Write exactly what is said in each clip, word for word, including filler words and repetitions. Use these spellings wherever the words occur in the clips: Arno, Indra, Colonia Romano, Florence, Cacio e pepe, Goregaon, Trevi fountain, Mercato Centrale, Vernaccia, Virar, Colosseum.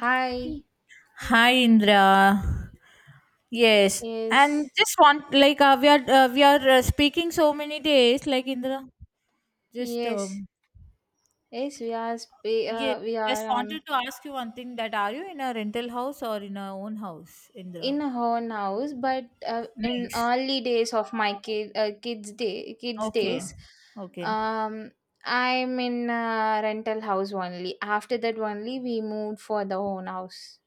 Hi. Hi, Indra. Yes, and Yes. just want like uh, we are uh, we are uh, speaking so many days. Like Indra, just Yes. um, Yes. We are sp- yes, uh, We just are on wanted to ask you one thing. That are you in a rental house or in a own house, Indra? in her house, but uh, in Nice. early days of my kid uh, kids day kids Okay. days, Okay. um, I'm in a rental house only. After that only, we moved for the own house.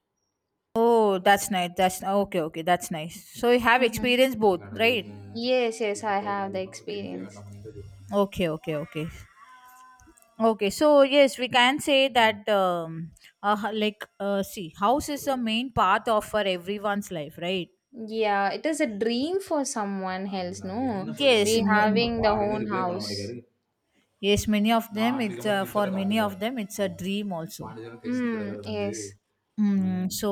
Oh, that's nice. That's okay. Okay, that's nice. So you have Mm-hmm. experienced both, right? Yes. Yes. I have the experience. Okay. Okay. Okay. Okay, so yes, we can say that um, uh, h- like uh, see, house is a main path of for everyone's life, right? Yeah, it is a dream for someone else. No, Yes, we m- having the own house. yes, many of them. It's uh, for many of them, it's a dream also. Mm, yes. Mm, so,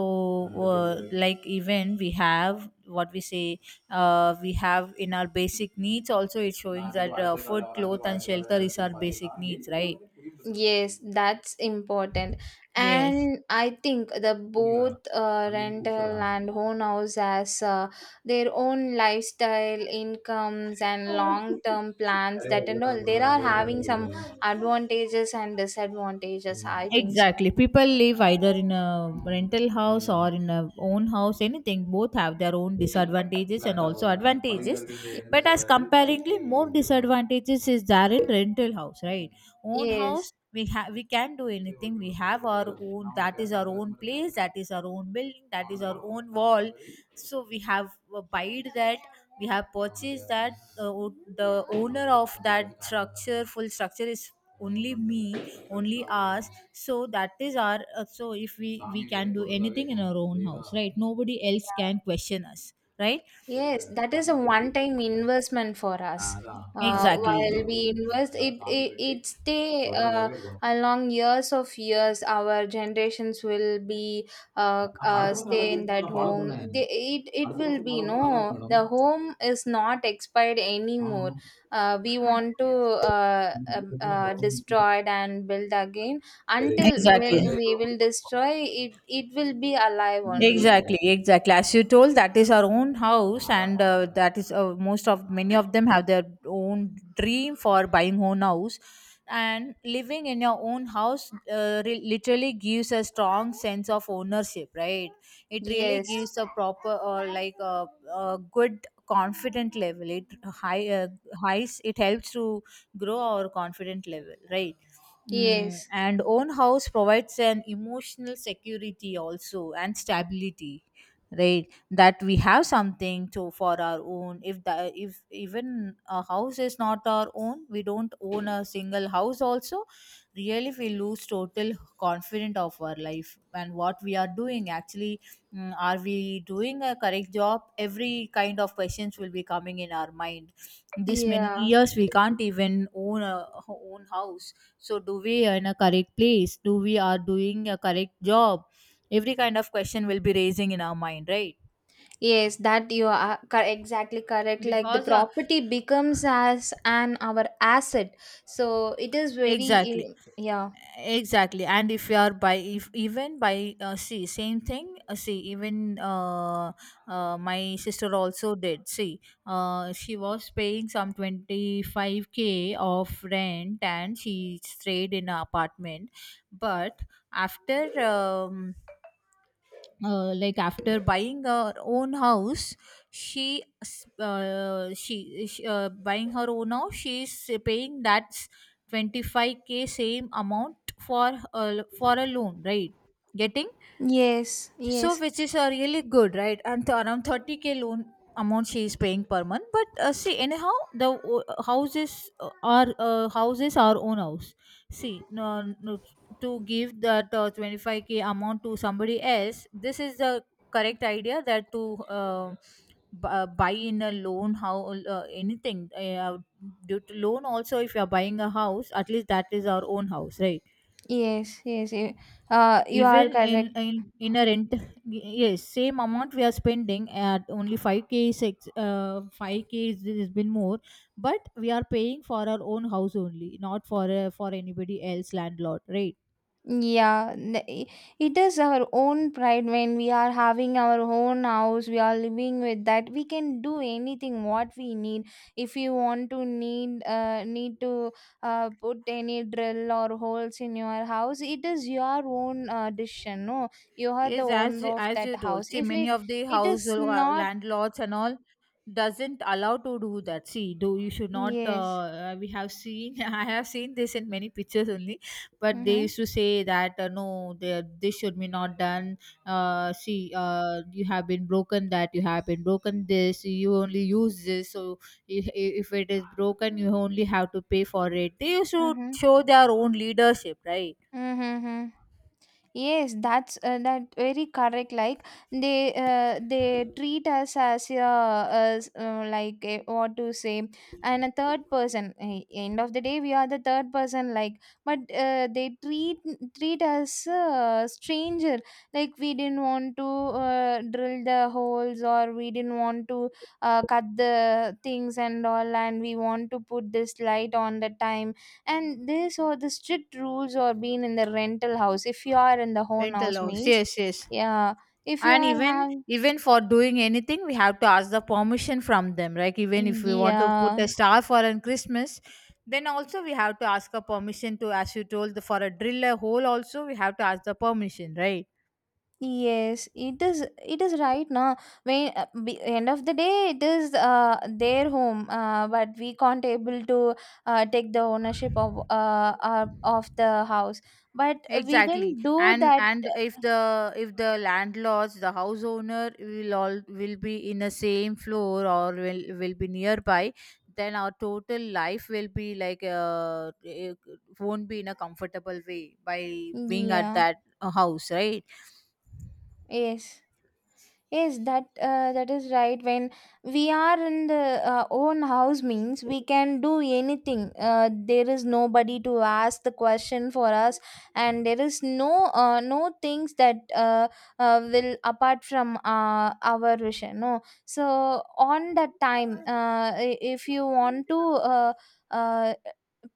uh, like even we have what we say, uh, we have in our basic needs. Also, it's showing that uh, food, clothes, and shelter is our basic needs, right? Yes, that's important. Yes. And I think the both uh, rental and own house has uh, their own lifestyle, incomes, and long-term plans that and all. They are having some advantages and disadvantages, I think so. Exactly. People live either in a rental house or in a own house, anything. Both have their own disadvantages and also advantages. Y- But as comparingly, more disadvantages is there in rental house, right? Own Yes. house, we have we can do anything. We have our own that is our own place, that is our own building, that is our own wall. So we have uh, buyed that, we have purchased that. The, the owner of that structure, full structure is only me only us, so that is our uh, so if we we can do anything in our own house, right? Nobody else can Yeah. question us, right. Yes, that is a one-time investment for us. Uh, exactly, while we invest, it it it stay uh, along years of years. Our generations will be uh, uh stay in that home. They, it it will be no. The home is not expired anymore. Uh, we want to uh, uh, uh destroy it and build again until will exactly. we will destroy it. It will be alive only. Exactly, exactly. As you told, that is our own house, and uh, that is uh, most of many of them have their own dream for buying own house, and living in your own house uh, re- literally gives a strong sense of ownership, right? It really Yes. gives a proper or like a, a good confident level. It high uh, highs. It helps to grow our confident level, right? Mm, Yes. and own house provides an emotional security also and stability, right? That we have something to for our own. If the if even a house is not our own, we don't own a single house also, really we lose total confidence of our life and what we are doing actually. Mm, are we doing a correct job? Every kind of questions will be coming in our mind. This many Yeah. years we can't even own a ho- own house. So do we are in a correct place? Do we are doing a correct job? Every kind of question will be raising in our mind, right? Yes, that you are uh, cor- exactly correct. Like the Because uh, property becomes as an our asset, so it is very exactly, eh, yeah. exactly. And if you are by if even by uh, see, same thing uh, see even uh, uh, my sister also did see, uh, she was paying some twenty five k of rent and she stayed in an apartment, but after um, uh, like after buying her own house, she s- uh, she, she uh, buying her own house she's paying that twenty five k same amount for uh, for a loan, right? Getting, Yes, so, yes, which is uh, really good, right? And th- around thirty k loan amount she is paying per month. But uh, see, anyhow, the o- houses uh, are uh, houses our own house. See, no, no, to give that uh, twenty five k amount to somebody else, this is the correct idea that to uh, b- uh, buy in a loan, how uh, anything uh, due to loan also. If you are buying a house, at least that is our own house, right? yes, yes. eh, Uh, you are Even in correct. in in a rent, yes, same amount we are spending at only five k six uh five k is has been more, but we are paying for our own house only, not for uh, for anybody else landlord, right? Yeah, n- i- it is our own pride when we are having our own house, we are living with that. We can do anything what we need. If you want to need uh, need to uh, put any drill or holes in your house, it is your own uh, decision. No, you are the Yes, as owner you- of as that you house. told, see, If many it, of the it house is uh, not, landlords and all doesn't allow to do that. See, do you should not. yes. Uh, uh, we have seen, I have seen this in many pictures only, but they Mm-hmm. used to say that uh, no, they, this should be not done. Uh, see, uh, you have been broken that, you have been broken this. You only use this, so if, if it is broken, you only have to pay for it. They should Mm-hmm. show their own leadership, right? Mm-hmm. Mm-hmm. Yes, that's uh, that very correct. Like they uh, they treat us as uh, as uh, like a, what to say, and a third person. Eh, End of the day, we are the third person. Like, but uh, they treat treat us uh, stranger. Like we didn't want to uh, drill the holes, or we didn't want to uh, cut the things and all, and we want to put this light on the time and this or the strict rules or being in the rental house if you are in the own Mental house loss. means Yes, yes. yeah if you And are even have even for doing anything we have to ask the permission from them, like even if we want to put yeah a star for a Christmas, then also we have to ask a permission to, as you told the, for a drill a hole also we have to ask the permission, right? yes it is it is right now when uh, be- end of the day it is uh, their home uh, but we can't able to uh, take the ownership of uh, uh of the house but we Exactly. didn't do and that. and if the if the landlords the house owner will all will be in the same floor or will will be nearby, then our total life will be like uh, it won't be in a comfortable way by being at Yeah, that uh, house, right? yes. Yes, that uh, that is right. When we are in the uh, own house, means we can do anything. Uh, there is nobody to ask the question for us, and there is no uh, no things that uh, uh, will apart from uh, our wish. No, so on that time, uh, i- if you want to. Uh, uh,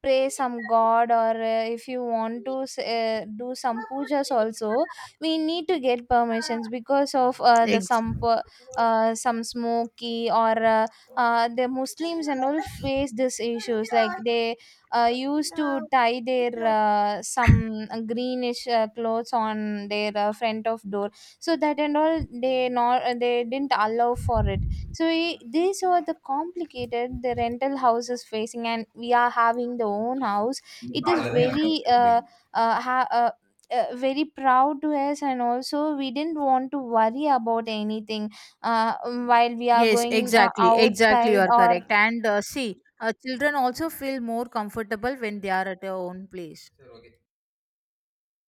Pray some god or uh, if you want to s- uh, do some pujas also we need to get permissions because of uh, the Ex- some per- uh, some smoky or uh, uh, the muslims and all face these issues like they uh, used to tie their uh, some greenish uh, clothes on their uh, front of door so that and all they not uh, they didn't allow for it so we, these are the complicated the rental houses facing and we are having the own house it is very uh, uh, ha- uh, uh, very proud to us and also we didn't want to worry about anything uh, while we are yes, going uh, exactly, exactly, you outside are or correct. And uh, see, uh, children also feel more comfortable when they are at their own place.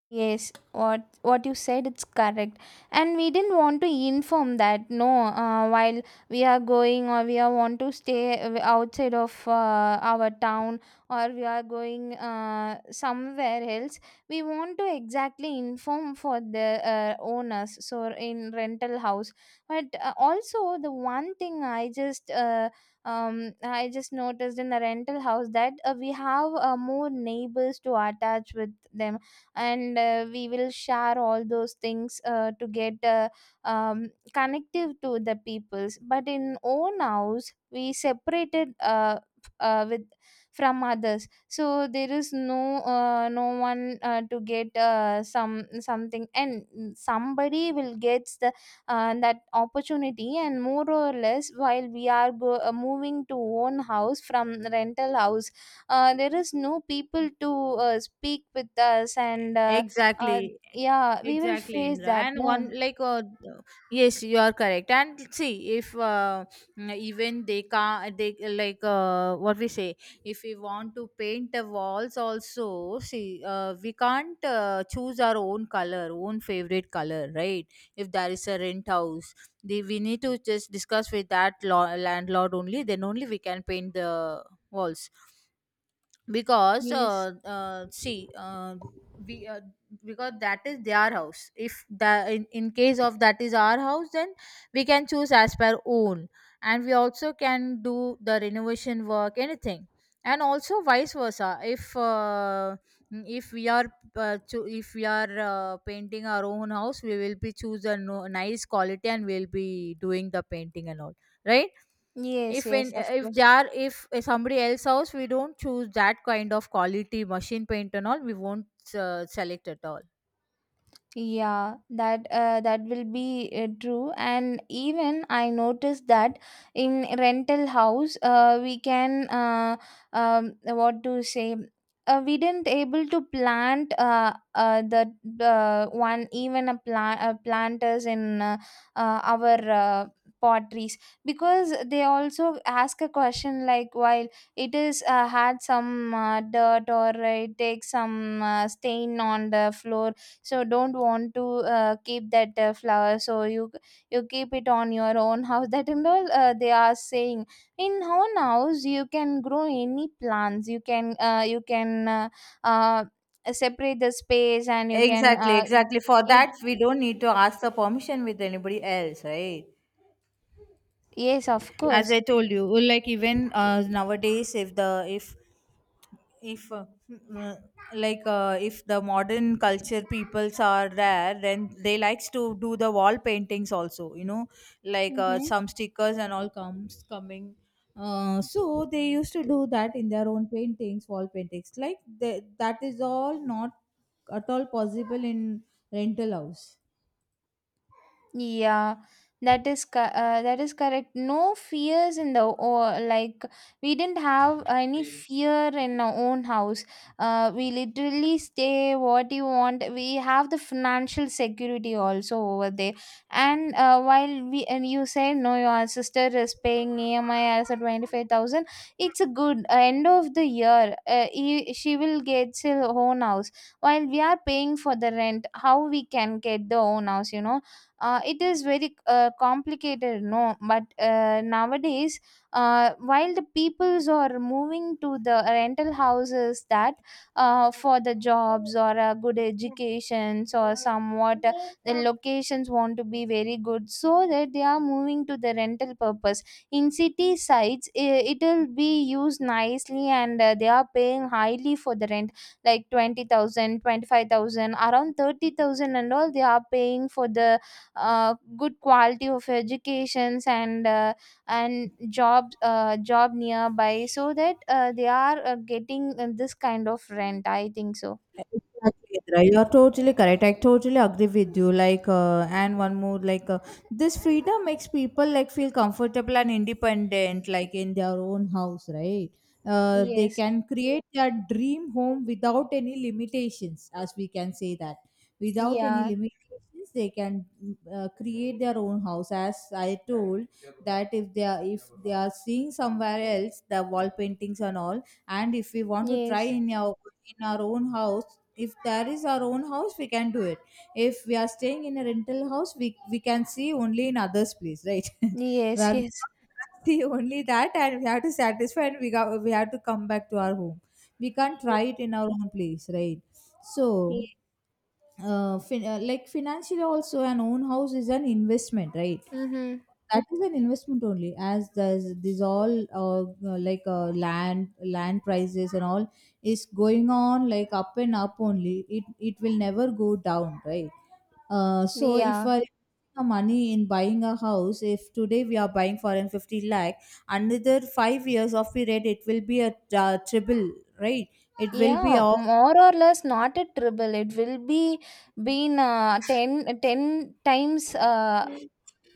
yes, what what you said it's correct, and we didn't want to inform that no. Uh, while we are going or we are want to stay uh, outside of uh, our town or we are going uh, somewhere else, we want to exactly inform for the uh, owners. So in rental house, but uh, also the one thing I just uh, um I just noticed in the rental house that uh, we have uh, more neighbors to attach with them and uh, we will share all those things uh, to get uh, um, connective to the peoples but in own house we separated uh, f- uh, with from others so there is no uh, no one uh, to get uh, some something and somebody will get the uh, that opportunity and more or less while we are go, uh, moving to own house from rental house uh, there is no people to uh, speak with us and uh, uh, Exactly. yeah we will Exactly, face Indra. that And no one like uh, th- yes, you are correct. And see, if uh, mm, even they can't, they like uh, what we say. If we want to paint the walls, also see, uh, we can't uh, choose our own color, own favorite color, right? If there is a rent house, the, we need to just discuss with that law, landlord only. Then only we can paint the walls because yes uh, uh, see uh, we uh, because that is their house. If the in, in case of that is our house, then we can choose as per own, and we also can do the renovation work anything. And also vice versa, if uh, if we are uh, cho- if we are uh, painting our own house, we will be choose a no- nice quality and we'll be doing the painting and all, right? yes If yes in of if course. they are if somebody else house, we don't choose that kind of quality machine paint and all, we won't uh, select at all. Yeah, that uh, that will be uh, true. And even I noticed that in rental house, uh, we can uh, um, what to say. Uh, we didn't able to plant uh, uh, the uh, one even a plant uh, planters in uh, uh, our uh, potteries because they also ask a question like while it is uh, had some uh, dirt or it takes some uh, stain on the floor so don't want to uh, keep that uh, flower so you you keep it on your own house that and all uh, they are saying in own house you can grow any plants you can uh, you can uh, uh, separate the space and you can Exactly, uh, exactly. For keep that, we don't need to ask the permission with anybody else, right? yes of As course. I told you, well, like even uh, nowadays, if the if if uh, mm, like uh, if the modern culture peoples are there, then they likes to do the wall paintings also, you know like uh, Mhm. some stickers and all comes coming. uh, so they used to do that in their own paintings wall paintings, like they, that is all not at all possible in rental house. Yeah, that is co- uh, that is correct. No fears in the or like we didn't have any fear in our own house. Uh, we literally stay what you want. We have the financial security also over there. And uh, while we and you say no, your sister is paying E M I as a twenty-five thousand. It's a good uh, end of the year. Uh, he, she will get her own house while we are paying for the rent. How we can get the own house? You know uh, it is very uh, complicated no but uh, nowadays uh, while the peoples are moving to the rental houses that uh, for the jobs or uh, good educations or somewhat uh, the locations want to be very good so that they are moving to the rental purpose in city sites it will be used nicely and uh, they are paying highly for the rent like twenty thousand, twenty-five thousand, around thirty thousand and all they are paying for the uh, good quality of educations and uh, and job uh, job nearby so that uh, they are uh, getting uh, this kind of rent I think so. Exactly, Indra. You're totally correct. I totally agree with you. Like, uh, and one more, like, uh, this freedom makes people like feel comfortable and independent, like in their own house, right? Uh, they Yes. can create their dream home without any limitations, as we can say that. Without any Yeah. limitations, they can mm, uh, create their own house. As I told that if they are if they are seeing somewhere else the wall paintings and all, and if we want to try Yes. in our in our own house, if there is our own house, we can do it. If we are staying in a rental house, we we can see only in others place, right? Yes. Where we Yes. can't see only that, and we have to satisfy, and we got we have to come back to our home. We can't try it in our own place, right? So Yes. uh, fin- uh, like financially also, an own house is an investment, right? Mm-hmm. That is an investment only, as there's these all uh, uh, like uh, land land prices and all is going on like up and up only. it it will never go down, right? uh, so if Yeah. I are money in buying a house, if today we are buying for an 50 lakh, another five years of period it will be a uh, triple, right? It will be Yeah. of. More or less not a triple. It will be been uh, ten ten times uh,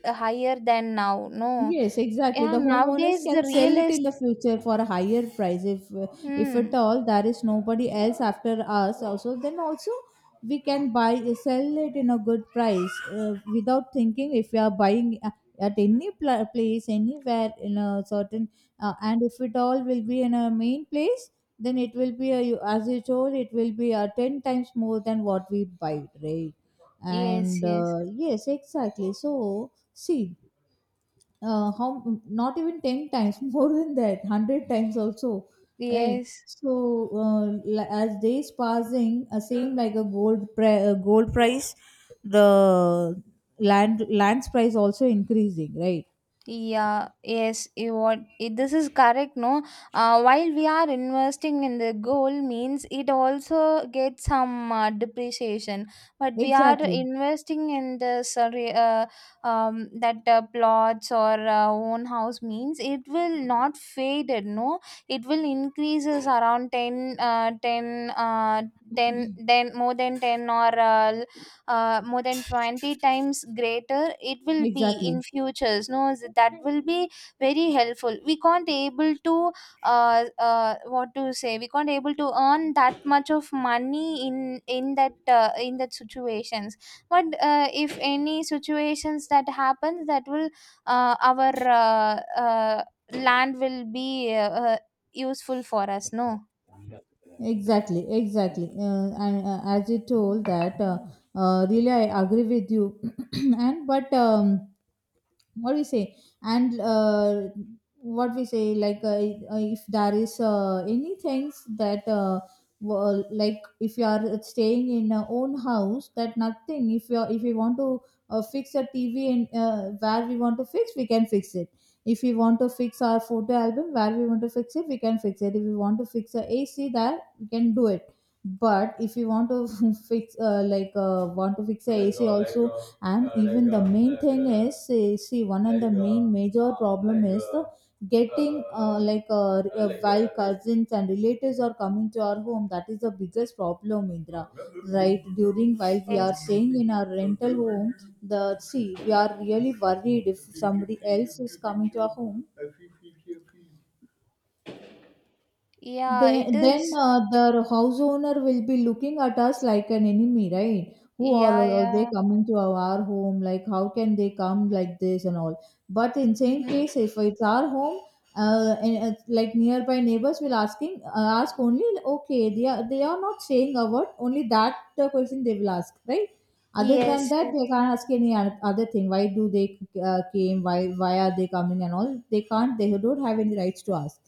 higher than now. No. Yes, exactly. Yeah. The homeowners Nowadays the can sell real it is. in the future for a higher price if if at Hmm. all there is nobody else after us, also then also we can buy sell it in a good price, uh, without thinking. If we are buying a- at any pla place anywhere in a certain, uh, and if it all will be in a main place, then it will be a, as you told, it will be a ten times more than what we buy, right? Yes. And, Yes. uh, yes, exactly, so see, uh, how not even ten times more than that, a hundred times also, right? Yes. So uh, li- as days passing, uh, same like a gold pri- uh, gold price, the land lands price also increasing, right? Yeah, yes, you what it, this is correct. No, uh, while we are investing in the gold, means it also gets some uh, depreciation, but we are Exactly, investing in the sorry, uh, um, that uh, plots or uh, own house means it will not fade. It, No, it will increases around ten, uh, ten, uh, ten, then more than ten or uh, uh, more than twenty times greater it will be in exactly. futures no s- that will be very helpful we can't able to uh, uh, what to say we can't able to earn that much of money in in that uh, in that situations but uh, if any situations that happens that will uh, our uh, uh, land will be uh, uh, useful for us no Exactly, exactly, uh, and, uh, as you told that, uh, uh, really, I agree with you. And but, um, what we say, and uh, what we say, like, uh, uh, if there is, uh, any things that, uh, wo- like if you are staying in your own house, that nothing, if you are, if we want to uh, fix a T V, and uh, where we want to fix, we can fix it. If we want to fix our photo album, where we want to fix it, we can fix it. If we want to fix a AC, there we can do it. But if you want to fix, uh, like uh, want to fix the A C also. And even the main thing is, uh, see one, and the main major problem is the getting, uh, like uh, uh, while cousins and relatives are coming to our home, that is the biggest problem, Indra, right? During while we yes are staying in our rental home, the, see, we are really worried if somebody else is coming to our home. yeah it Then, then is uh, the house owner will be looking at us like an enemy, right? Who are, yeah are they yeah coming to our, our home? Like, how can they come like this and all? But in same case, hmm if it's our home, uh, and, uh, like nearby neighbors will asking uh, ask only, okay, they are they are not saying a word only, that the question they will ask, right? Other than yes that yes. they can't ask any oth- other thing. Why do they, uh, came, why why are they coming and all? They can't, they don't have any rights to ask.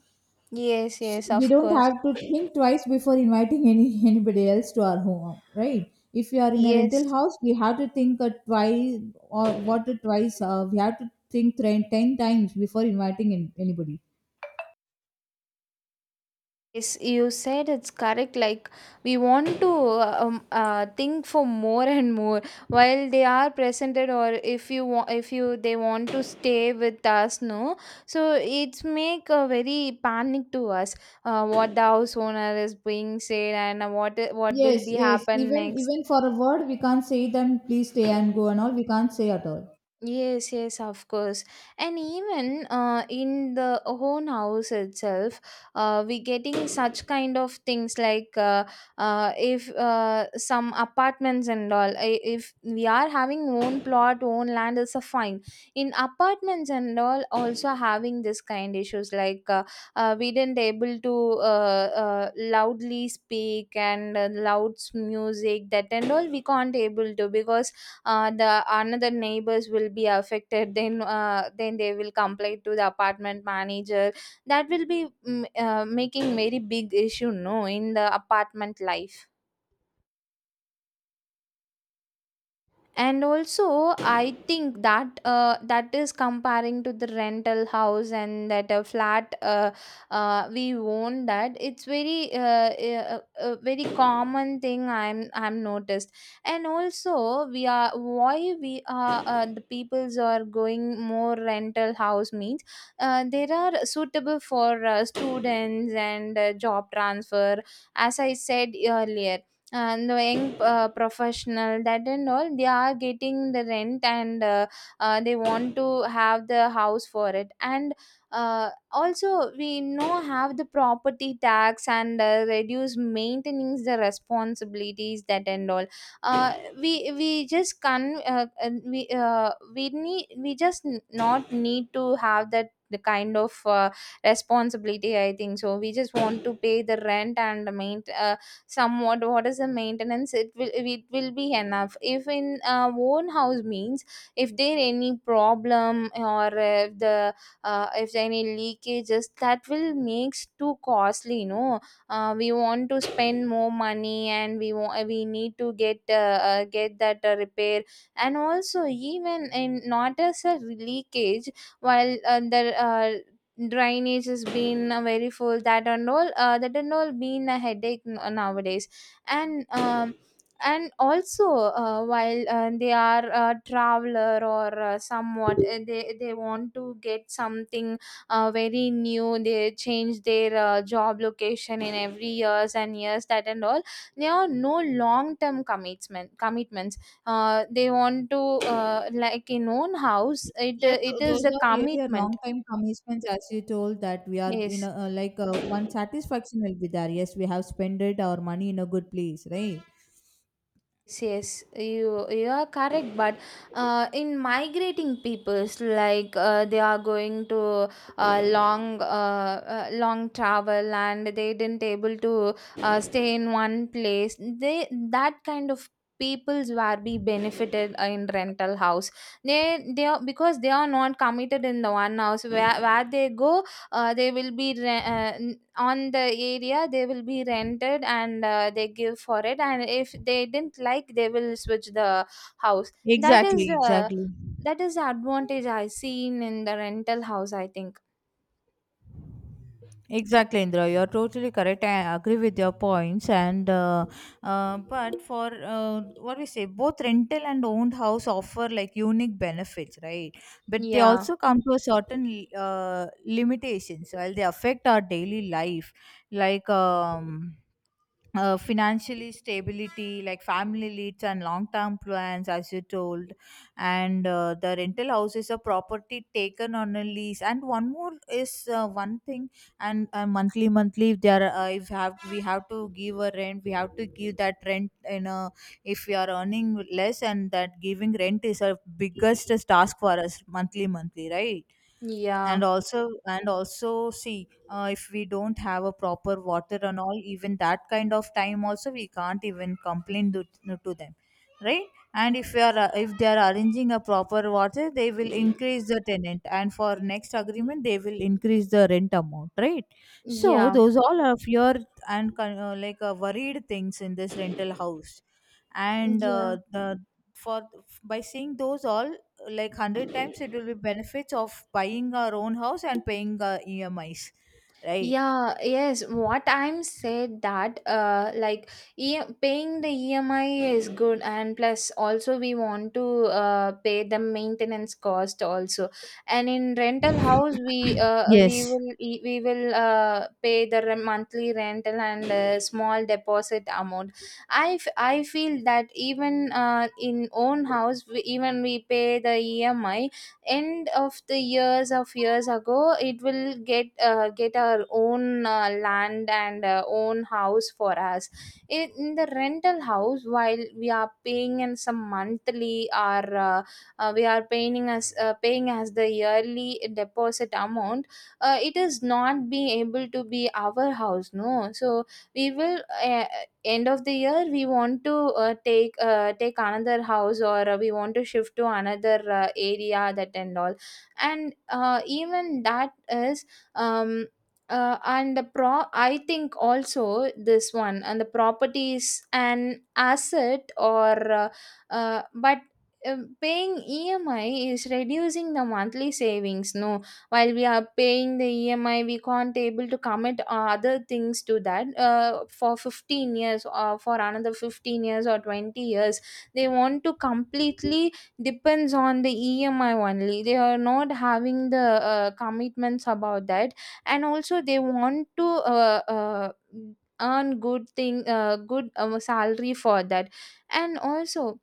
Yes, yes, We of don't course. have to think twice before inviting any anybody else to our home, right? If you are in a Yes, rental house, we have to think a twice, or what a twice, uh, we have to think ten ten times before inviting in anybody. yes, you said it's correct. Like, we want to uh, um, uh, think for more and more while they are presented, or if you want, if you they want to stay with us, no. So it's make a very panic to us. Uh, what the house owner is being said, and what what will Yes, be yes, happen even next. even for a word we can't say them, please stay and go and all, we can't say at all. Yes, yes, of course. And even uh, in the own house itself, uh, we getting such kind of things like uh, uh, if uh, some apartments and all, i- if we are having own plot, own land is a fine. In apartments and all, also having this kind issues like, uh, uh, we didn't able to uh, uh, loudly speak and uh, loud music that and all we can't able to, because uh, the another neighbors will be affected. Then uh, then they will complain to the apartment manager. That will be mm, uh, making very big issue no in the apartment life. And also I think that uh, that is comparing to the rental house and that a flat, uh, uh, we own that. It's very uh, uh, uh, very common thing i'm i'm noticed. And also we are why we are, uh, the peoples are going more rental house means, uh, there are suitable for uh, students and uh, job transfer, as I said earlier. And the young uh, professional that and all, they are getting the rent, and uh, uh, they want to have the house for it. And uh, also we know have the property tax and uh, reduce maintenance the responsibilities that and all. uh, we we just can uh, uh, we uh, we need we just n- not need to have that the kind of uh, responsibility, I think. So we just want to pay the rent and the main, uh, somewhat what is the maintenance, it will it will be enough. If in uh, own house means, if there any problem, or if the, uh, if there any leakages that will makes too costly you know uh, We want to spend more money, and we want we need to get uh, uh, get that uh, repair. And also, even in not as a leakage, while uh, the, uh, drainage has been uh, very full that and all, uh, that and all been a headache, n- uh, nowadays. And um, and also, uh, while uh, they are a traveler, or uh, somewhat uh, they they want to get something uh, very new. They change their uh, job location in every years and years, that and all. They are no long term commitment commitments uh, They want to uh, like in own house it, uh, Yeah, it th- is those a are really a long commitment. time commitments, as you told that we are, you Yes. know uh, like uh, one satisfaction will be there. Yes, we have spent our money in a good place, right? Yes, yes, you you are correct, but uh, in migrating peoples, like uh, they are going to uh, long, uh, uh, long travel and they didn't able to uh, stay in one place. They, that kind of peoples were be benefited in rental house. They they are, because they are not committed in the one house where where they go. Uh, they will be re- uh, on the area they will be rented, and uh, they give for it. And if they didn't like, they will switch the house. That is exactly, the exactly. That is the advantage I seen in the rental house, I think. Exactly, Indra. You're totally correct. I agree with your points. And uh, uh, but for, uh, what we say, both rental and owned house offer like unique benefits, right? But they Yeah, also come to a certain, uh, limitations while they affect our daily life, like. Um, uh, financially stability, like family needs and long-term plans, as you told. And uh, the rental house is a property taken on a lease, and one more is, uh, one thing. And uh, monthly monthly, if there are, uh, if have we have to give a rent, we have to give that rent in a, if we are earning less and that giving rent is a biggest task for us monthly monthly, right? yeah, And also, and also see, uh, if we don't have a proper water and all, even that kind of time also we can't even complain to, to them, right? And if we are uh, if they are arranging a proper water, they will increase the tenant, and for next agreement they will increase the rent amount, right? So yeah, those all are fear and con- uh, like uh, worried things in this rental house. And yeah. uh, the for by seeing those all, like one hundred times it will be benefits of buying our own house and paying, uh, E M Is, right? Yeah, yes. What I'm said that uh like, e paying the E M I is good, and plus also we want to uh pay the maintenance cost also. And in rental house we uh we Yes. will e- we will uh pay the re monthly rental and uh, small deposit amount. I f I feel that even uh in own house we, even we pay the E M I, end of the years of years ago it will get uh, get our own uh, land and uh, own house for us. In in the rental house, while we are paying in some monthly or uh, uh, we are paying as uh, paying as the yearly deposit amount, uh, it is not being able to be our house, no. So we will, uh, end of the year, we want to uh, take uh, take another house, or uh, we want to shift to another uh, area, that and all. And uh, even that is. um uh, and the pro I think also this one, and the properties an asset, or uh, uh, but uh, paying E M I is reducing the monthly savings, no. While we are paying the E M I, we can't able to commit uh, other things to that. Uh, for fifteen years, or for another fifteen years or twenty years, they want to completely depends on the E M I only. They are not having the uh, commitments about that, and also they want to, Uh, uh, earn good thing, uh, good, um, salary for that. And also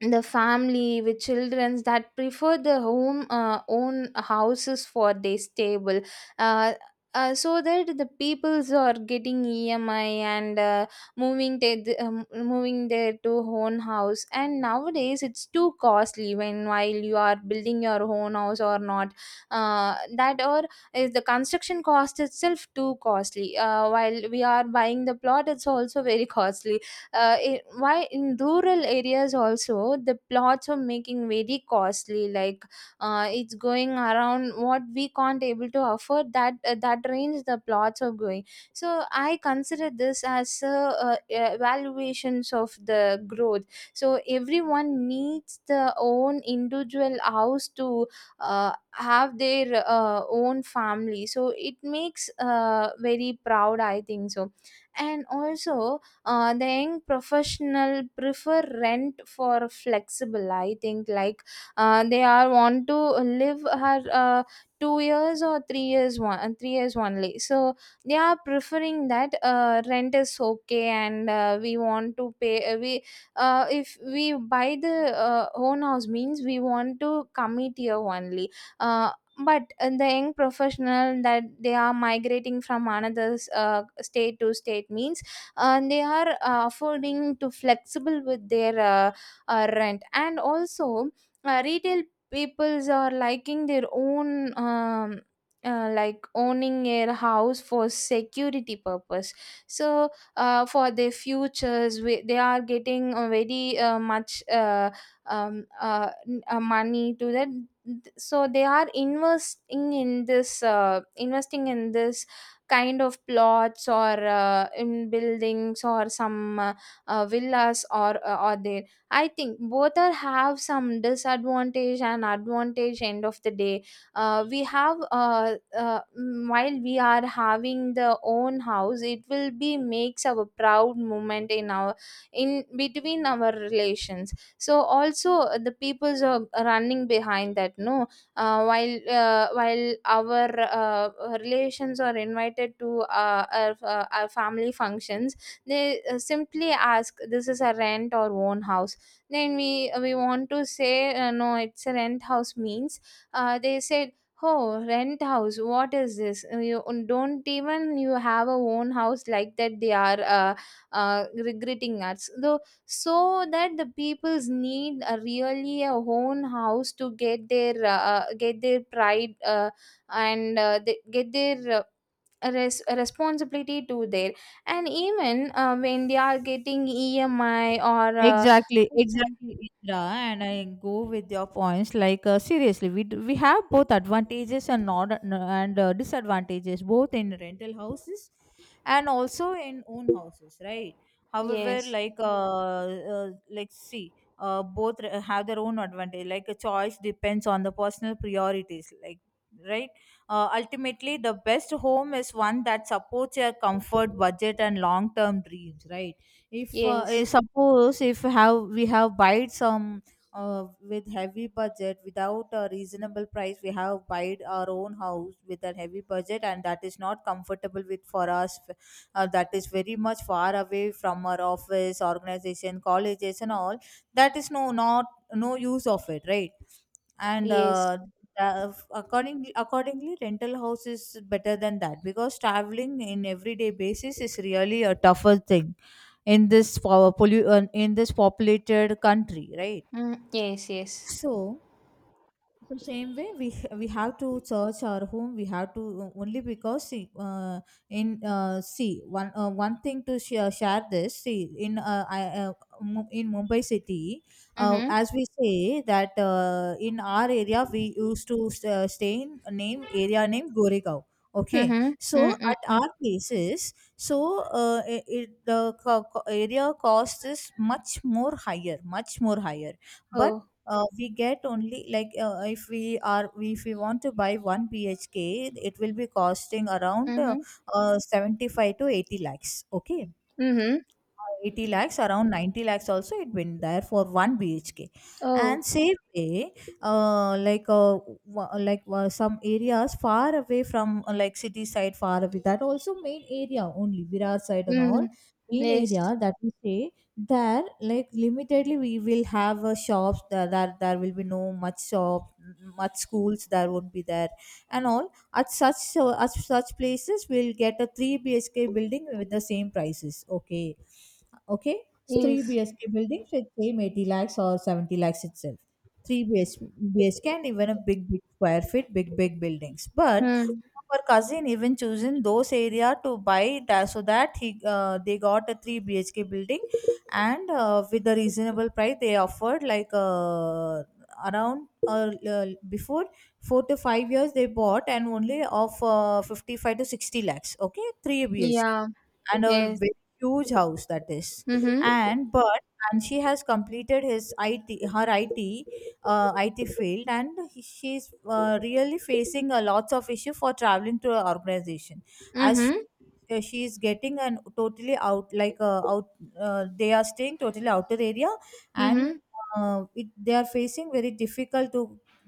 the family with children that prefer their home, uh, own houses for their stable. uh, uh, so that the peoples are getting E M I and uh, moving their um, moving their to own house. And nowadays it's too costly, when while you are building your own house or not, uh, that, or is the construction cost itself too costly. Uh, while we are buying the plot, it's also very costly. Uh, i- why in rural areas also, the plots are making very costly. Like uh, it's going around what we can't able to afford, that uh, that range the plots are going. So I consider this as uh, uh, evaluations of the growth. So everyone needs their own individual house to uh, have their uh, own family, so it makes uh, very proud, I think so. And also uh, the young professional prefer rent for flexible, I think. Like uh, they are want to live her uh, two years or three years, one and three years only, so they are preferring that uh, rent is okay. And uh, we want to pay, uh, we uh, if we buy the uh, own house means, we want to commit here only. uh, but uh, the young professional that they are migrating from another uh, state to state means, uh, and they are uh, affording to flexible with their uh, uh, rent. And also uh, retail peoples are liking their own, um, uh, like owning a house for security purpose. So uh, for their futures we, they are getting a very uh, much, uh, um, uh, n- uh, money to that. So they are investing in this, uh, investing in this kind of plots, or uh, in buildings, or some uh, uh, villas, or uh, or there. I think both are have some disadvantage and advantage. End of the day, uh, we have uh, uh, mm, while we are having the own house, it will be makes our proud moment in our, in between our relations. So also uh, the people's are running behind that, no. uh, while uh, while our uh, relations are invited to uh, our, uh, our family functions, they uh, simply ask, this is a rent or own house? Then we we want to say uh, no, it's a rent house means. Uh, they said, oh, rent house, what is this? Uh, you don't even, you have a own house, like that they are uh, uh, regretting us though. So that the peoples need a really a own house to get their, uh, uh, get their pride, uh, and uh, they get their uh, res- uh, responsibility to there. And even uh, when they are getting E M I, or uh, Exactly, some. exactly, Indra, and I go with your points. Like, uh, seriously, we d- we have both advantages and not and uh, disadvantages, both in rental houses and also in own houses, right? However, Yes, like, uh, uh like see, uh, both r- have their own advantage. Like a choice depends on the personal priorities, like, right. Uh, ultimately, the best home is one that supports your comfort, budget, and long term dreams, right? If, uh, eh, yes, suppose, if have we have buyed some, uh, with heavy budget, without a reasonable price, we have buyed our own house with a heavy budget, and that is not comfortable with for us. Uh, that is very much far away from our office, organization, colleges and all. That is no not no use of it, right? And yes. uh, the- accordingly, accordingly rental house is better than that, because traveling in everyday basis is really a tougher thing in this po- pollu- uh, in this populated country, right? Mm, yes, yes. So, so same way we we have to search our home. We have to, uh, only because, see, uh, in uh, see one, uh, one thing to share, share this, see in, uh, I, uh, Mu- in Mumbai city. Uh, mhm. As we say that, uh, in our area we used to, uh, stay in a name area name Goregaon. Okay, Mhm. Mm, so mm, at mm. our places, so uh, i it, the co- co- area cost is much more higher, much more higher. But Oh. uh, we get only like, uh, if we are if we want to buy one B H K, it will be costing around, uh, Mhm. uh, seventy-five to eighty lakhs, okay. Mhm. eighty lakhs, around ninety lakhs also, it been there for one B H K. Oh. And same way, uh, like uh, wa- like uh, some areas far away from, uh, like city side, far away, that also main area only, Virar side and Mm. all, main Yes, area that we say. There, like limitedly we will have, uh, shops there, there there will be no much shop, much schools there won't be there and all. At such so at such places we'll get a three B H K building with the same prices, okay. Okay, it's three yes. B S K building with same eighty lakhs or seventy lakhs itself. three B S, B S K, and even a big big square feet big big buildings, but Mm. our cousin even chosen those area to buy, that so that he uh, they got a three B H K building. And uh, with the reasonable price they offered, like, uh, around, uh, uh, before four to five years they bought, and only of, uh, fifty-five to sixty lakhs, okay, three B H K. Yeah, And a yes. very huge house, that is. Mhm. And but, and she has completed his it her it uh, it field, and he- she's, uh, really facing a lots of issue for traveling to an organization, as, Mhm. uh, she is getting an totally out like uh, out, uh, they are staying totally outer area. And Mhm. uh, it, they are facing very difficult to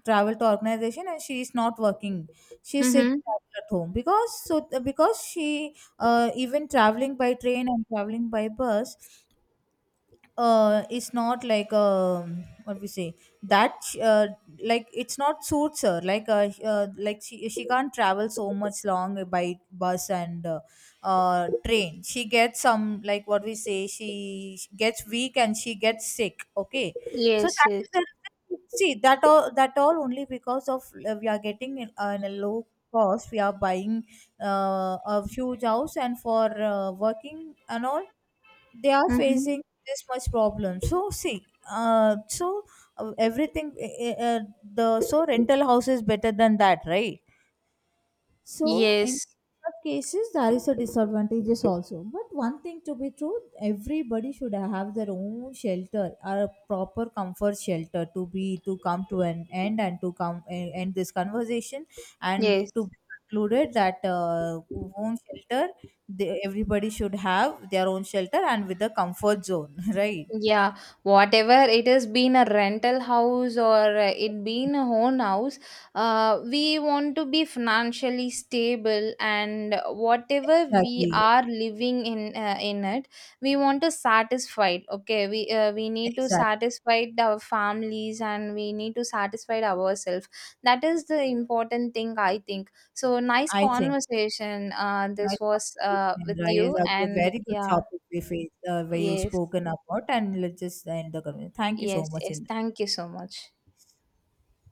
travel to organization, and she is not working, she sits Mhm. at home. Because, so because she, uh, even traveling by train and traveling by bus, uh it's not like, um what we say, that, sh- uh, like it's not suits her, like, uh, sh- uh like she she can't travel so much long by bus. And uh, uh train, she gets some, like, what we say, she sh- gets weak and she gets sick, okay. So Yes, that yes. is the reason. See, that all, that all only because of, uh, we are getting in, uh, in a low cost, we are buying, uh, a huge house, and for, uh, working and all, they are Mhm. facing this much problem. So see, uh, so uh, everything, uh, uh, the so rental house is better than that, right? So in Yes. such cases, there is a disadvantages also. But one thing to be true, everybody should have their own shelter, or a proper comfort shelter, to be to come to an end and to come, eh, end this conversation, and Yes. to be concluded that, uh, own shelter, they, everybody should have their own shelter and with a comfort zone, right? Yeah, whatever it has been a rental house, or uh, it been a own house, uh, we want to be financially stable, and whatever we Exactly. are living in uh, in it, we want to satisfy. Okay, we uh, we need to Exactly. satisfy our families, and we need to satisfy ourselves. That is the important thing, I think. So, nice I think. conversation. Uh, this Nice was uh, conversation, with Indra. Yes, you, that's a good- and very good yeah, topic we face, uh, we yes. spoken about, and let's just end the conversation. Thank you so Yes, much, yes. Indra. Thank you so much.